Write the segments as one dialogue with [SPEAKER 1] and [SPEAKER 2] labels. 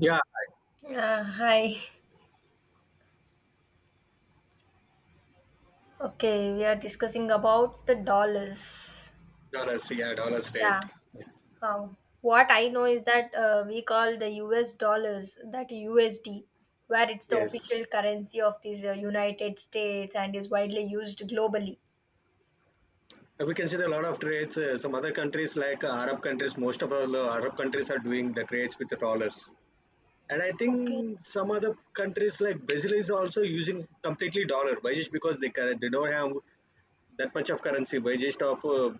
[SPEAKER 1] Yeah,
[SPEAKER 2] Yeah, hi. Okay, we are discussing about the dollars.
[SPEAKER 1] dollars. Yeah, dollars rate.
[SPEAKER 2] Yeah.
[SPEAKER 1] Yeah.
[SPEAKER 2] What I know is that we call the US dollars that USD, where it's the
[SPEAKER 1] Yes.
[SPEAKER 2] official currency of these United States and is widely used globally.
[SPEAKER 1] We can see that a lot of trades. Some other countries like Arab countries, most of all Arab countries are doing the trades with the dollars. And I
[SPEAKER 2] Okay.
[SPEAKER 1] think some other countries like Brazil is also using completely dollar. Why? Just because they don't have that much of currency. Why just of uh,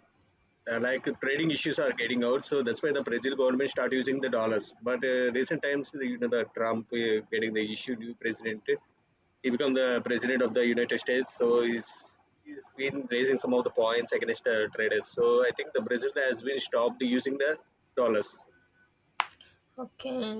[SPEAKER 1] uh, like trading issues are getting out, so that's why the Brazil government start using the dollars. But recent times the, you know the Trump getting the issue, new president, he become the president of the United States. So he's been raising some of the points against the traders, so I think the Brazil has been stopped using the dollars.
[SPEAKER 2] Okay.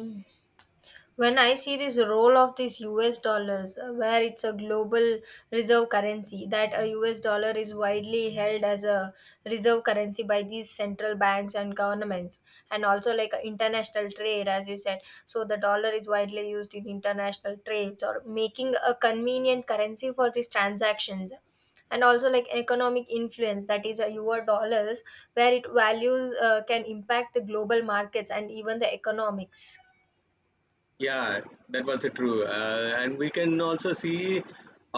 [SPEAKER 2] When I see this role of these US dollars, where it's a global reserve currency, that a US dollar is widely held as a reserve currency by these central banks and governments, and also like international trade, as you said, so the dollar is widely used in international trades, or making a convenient currency for these transactions, and also like economic influence, that is a U S dollars, where it values can impact the global markets and even the economics.
[SPEAKER 1] Yeah, that was true, and we can also see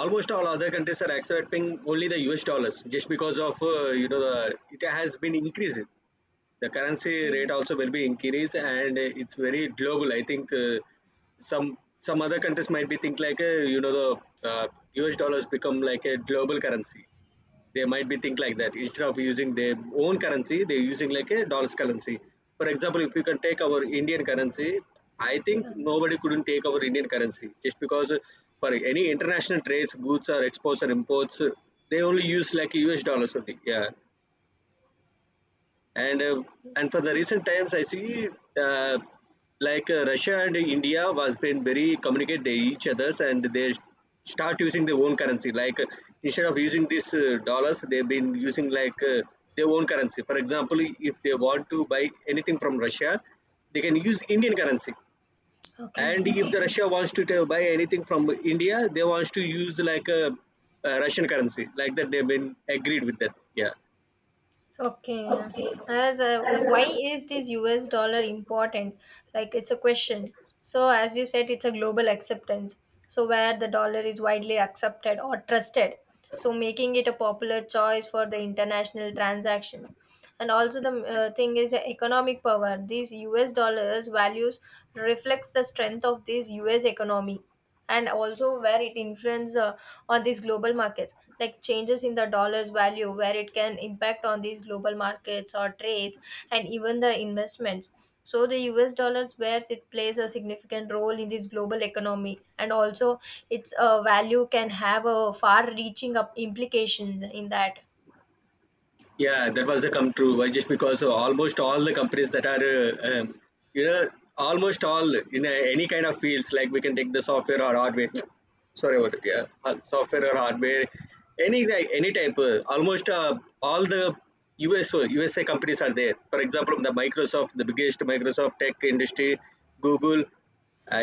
[SPEAKER 1] almost all other countries are accepting only the US dollars just because of you know the it has been increased, the currency
[SPEAKER 2] Okay.
[SPEAKER 1] rate also will be increased. And it's very global. I think some some other countries might be think like you know the uh, US dollars become like a global currency. They might be think like that, instead of using their own currency they're using like a dollars currency. For example, if you can take our Indian currency, I think
[SPEAKER 2] Yeah.
[SPEAKER 1] nobody couldn't take our Indian currency, just because for any international trades, goods or exports or imports, they only use like US dollars only. Yeah. And and for the recent times I see, uh, like Russia and India was been very communicate, they each others, and they start using their own currency. Like instead of using this dollars, they've been using like their own currency. For example, if they want to buy anything from Russia, they can use Indian currency. And
[SPEAKER 2] Okay.
[SPEAKER 1] if the Russia buy anything from India, they wants to use like a Russian currency. Like that they've been agreed with that. Yeah.
[SPEAKER 2] Okay. As a, why is this US dollar important? Like it's a question. So as you said, it's a global acceptance. So where the dollar is widely accepted or trusted. So making it a popular choice for the international transactions. And also the thing is the economic power. These US dollars values reflects the strength of this US economy, and also where it influences on these global markets, like changes in the dollar's value where it can impact on these global markets or trades and even the investments. So the US dollars, where it plays a significant role in this global economy, and also its value can have a far reaching up implications in that.
[SPEAKER 1] Yeah, that was a come true. Why? Just because of almost all the companies that are, you know, almost all in a, any kind of fields, like we can take the software or hardware. Sorry about it. Yeah, software or hardware, any like, any type. Almost all the US USA companies are there. For example, the Microsoft, the biggest Microsoft tech industry, Google.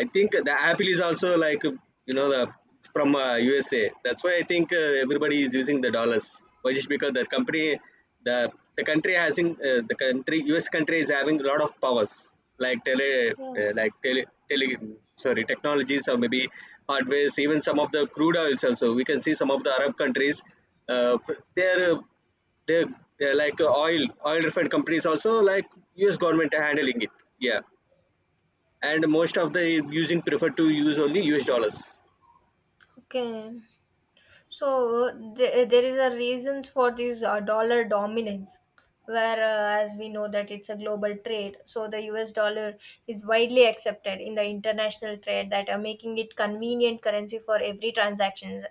[SPEAKER 1] I think the Apple is also, like you know the it's from USA. That's why I think everybody is using the dollars. Why? Just because the country has in, the country US country is having a lot of powers, like tele
[SPEAKER 2] Yeah.
[SPEAKER 1] like tele, tele sorry, technologies or maybe hardwares. Even some of the crude oils also. We can see some of the Arab countries. Uh, f- they're uh, they're, they're like oil refined companies also, like US government handling it. Yeah, and most of the using prefer to use only US dollars.
[SPEAKER 2] Okay. There is a reasons for this dollar dominance, where as we know that it's a global trade, so the U.S. dollar is widely accepted in the international trade, that are making it convenient currency for every transactions.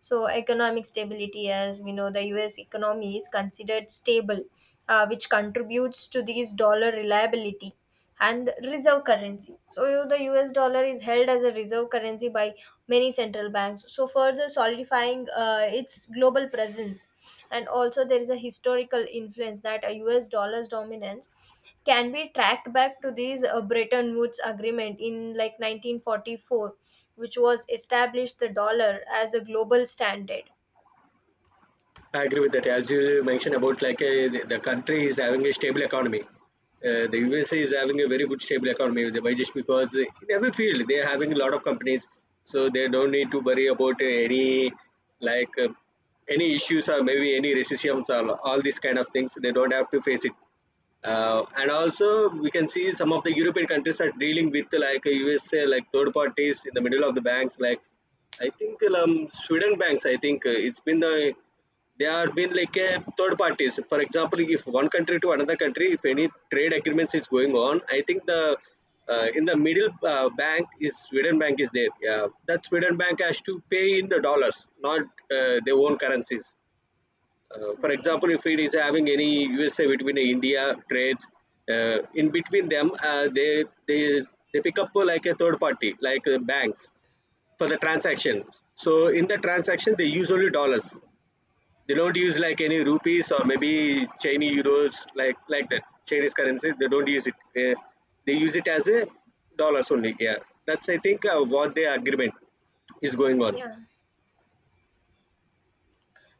[SPEAKER 2] So economic stability, as we know, the U.S. economy is considered stable, which contributes to this dollar reliability, and reserve currency. So the US dollar is held as a reserve currency by many central banks. So further solidifying its global presence, and also there is a historical influence, that a US dollar's dominance can be tracked back to this Bretton Woods agreement in like 1944, which was established the dollar as a global standard.
[SPEAKER 1] I agree with that. As you mentioned about like, the country is having a stable economy. The USA is having a very good stable economy. Why? Just because in every field they are having a lot of companies, so they don't need to worry about any like any issues or maybe any recessions or all these kind of things. They don't have to face it. And also we can see some of the European countries are dealing with like USA like third parties in the middle of the banks. Like I think Sweden banks, I think it's been the, they are been like a third parties. For example, if one country to another country, if any trade agreements is going on, I think the, in the middle bank is Sweden bank is there. Yeah, that Sweden bank has to pay in the dollars, not their own currencies. For
[SPEAKER 2] Okay.
[SPEAKER 1] example, if it is having any USA between India trades, in between them, uh, they pick up like a third party, like banks, for the transaction. So in the transaction, they use only dollars. They don't use like any rupees or maybe Chinese euros, like that Chinese currency. They don't use it. Uh, they use it as a dollars only. Yeah, that's I think what the agreement is going on.
[SPEAKER 2] Yeah.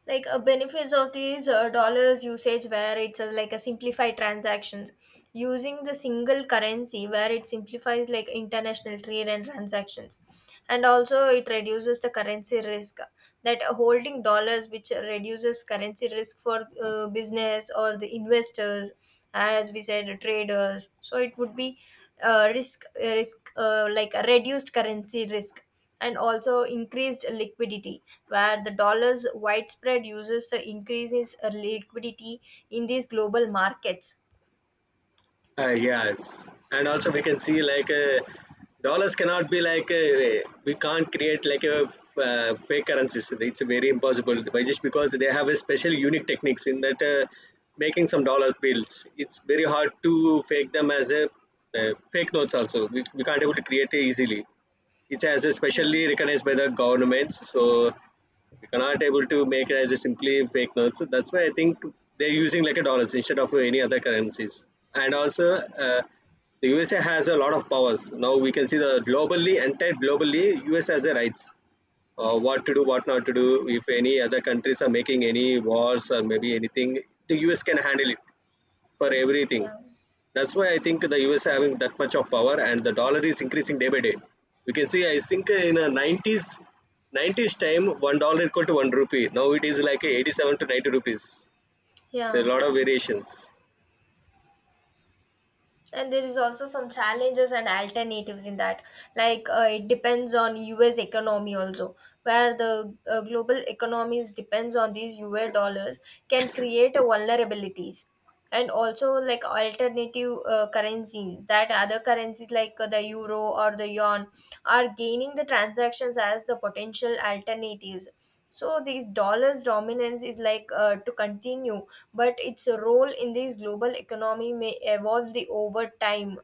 [SPEAKER 2] Like benefits of these dollars usage, where it's like a simplified transactions using the single currency, where it simplifies like international trade and transactions, and also it reduces the currency risk, that holding dollars, which reduces currency risk for business or the investors, as we said traders, so it would be risk risk like a reduced currency risk, and also increased liquidity, where the dollar's widespread uses the increases liquidity in these global markets.
[SPEAKER 1] Yes, and also we can see like dollars cannot be like, we can't create like a fake currencies. It's very impossible, by just because they have a special unique techniques in that. Making some dollar bills, it's very hard to fake them as a fake notes. Also, we can't able to create it easily. It's as a
[SPEAKER 2] Yeah,
[SPEAKER 1] specially recognized by the governments. So you cannot able to make it as a simply fake notes. So that's why I think they're using like a dollars instead of any other currencies. And also, the USA has a lot of powers. Now we can see the globally, entire globally, US has the rights. What to do, what not to do. If any other countries are making any wars or maybe anything, the US can handle it for everything.
[SPEAKER 2] yeah.
[SPEAKER 1] That's why I think the US having that much of power and the dollar is increasing day by day. You can see, I think in a 90s time, $1 equal to 1 rupee. Now it is like 87 to 90 rupees. It's a
[SPEAKER 2] Yeah,
[SPEAKER 1] lot of variations.
[SPEAKER 2] and there is also some challenges and alternatives in that, like it depends on US economy also, where the global economies depends on these US dollars, can create a vulnerabilities, and also like alternative currencies, that other currencies like the euro or the yuan are gaining the transactions as the potential alternatives. So this dollars dominance is like to continue, but its role in this global economy may evolve the over time.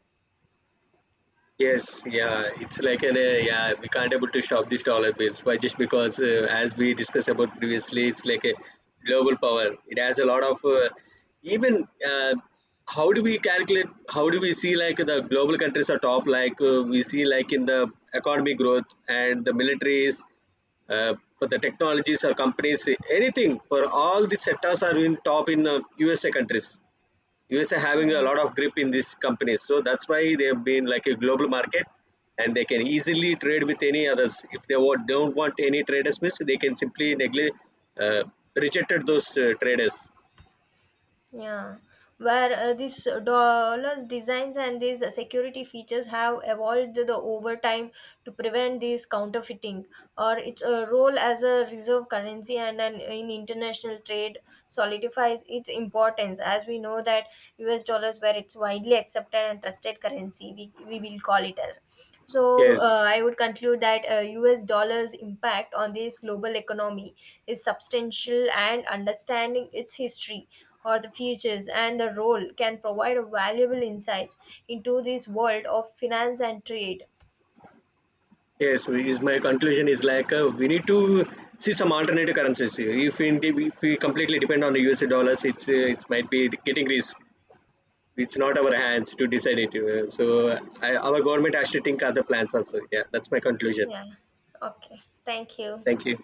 [SPEAKER 1] Yes, yeah, it's like an yeah, we can't able to stop these dollar bills. Why? Just because as we discussed about previously, it's like a global power. It has a lot of even how do we calculate? How do we see like the global countries are top? Like we see like in the economic growth and the militaries, for the technologies or companies, anything, for all the sectors are in top in USA countries. USA having a
[SPEAKER 2] Yeah,
[SPEAKER 1] lot of grip in these companies. So that's why they've been like a global market, and they can easily trade with any others. If they don't want any traders, means they can simply neglect, uh, rejected those traders.
[SPEAKER 2] yeah. Where these dollars designs and these security features have evolved the over time to prevent this counterfeiting, or its role as a reserve currency and an, in international trade solidifies its importance. As we know that U.S. dollars, where it's widely accepted and trusted currency, we will call it as. So
[SPEAKER 1] Yes.
[SPEAKER 2] I would conclude that US dollars impact on this global economy is substantial, and understanding its history or the futures and the role can provide a valuable insights into this world of finance and trade.
[SPEAKER 1] Yes. Is my conclusion is like we need to see some alternative currencies. If if we completely depend on the USA dollars, it might be getting risk. It's not our hands to decide it. So our government has to think other plans also. Yeah, that's my conclusion.
[SPEAKER 2] Yeah. Okay. Thank you.
[SPEAKER 1] Thank you.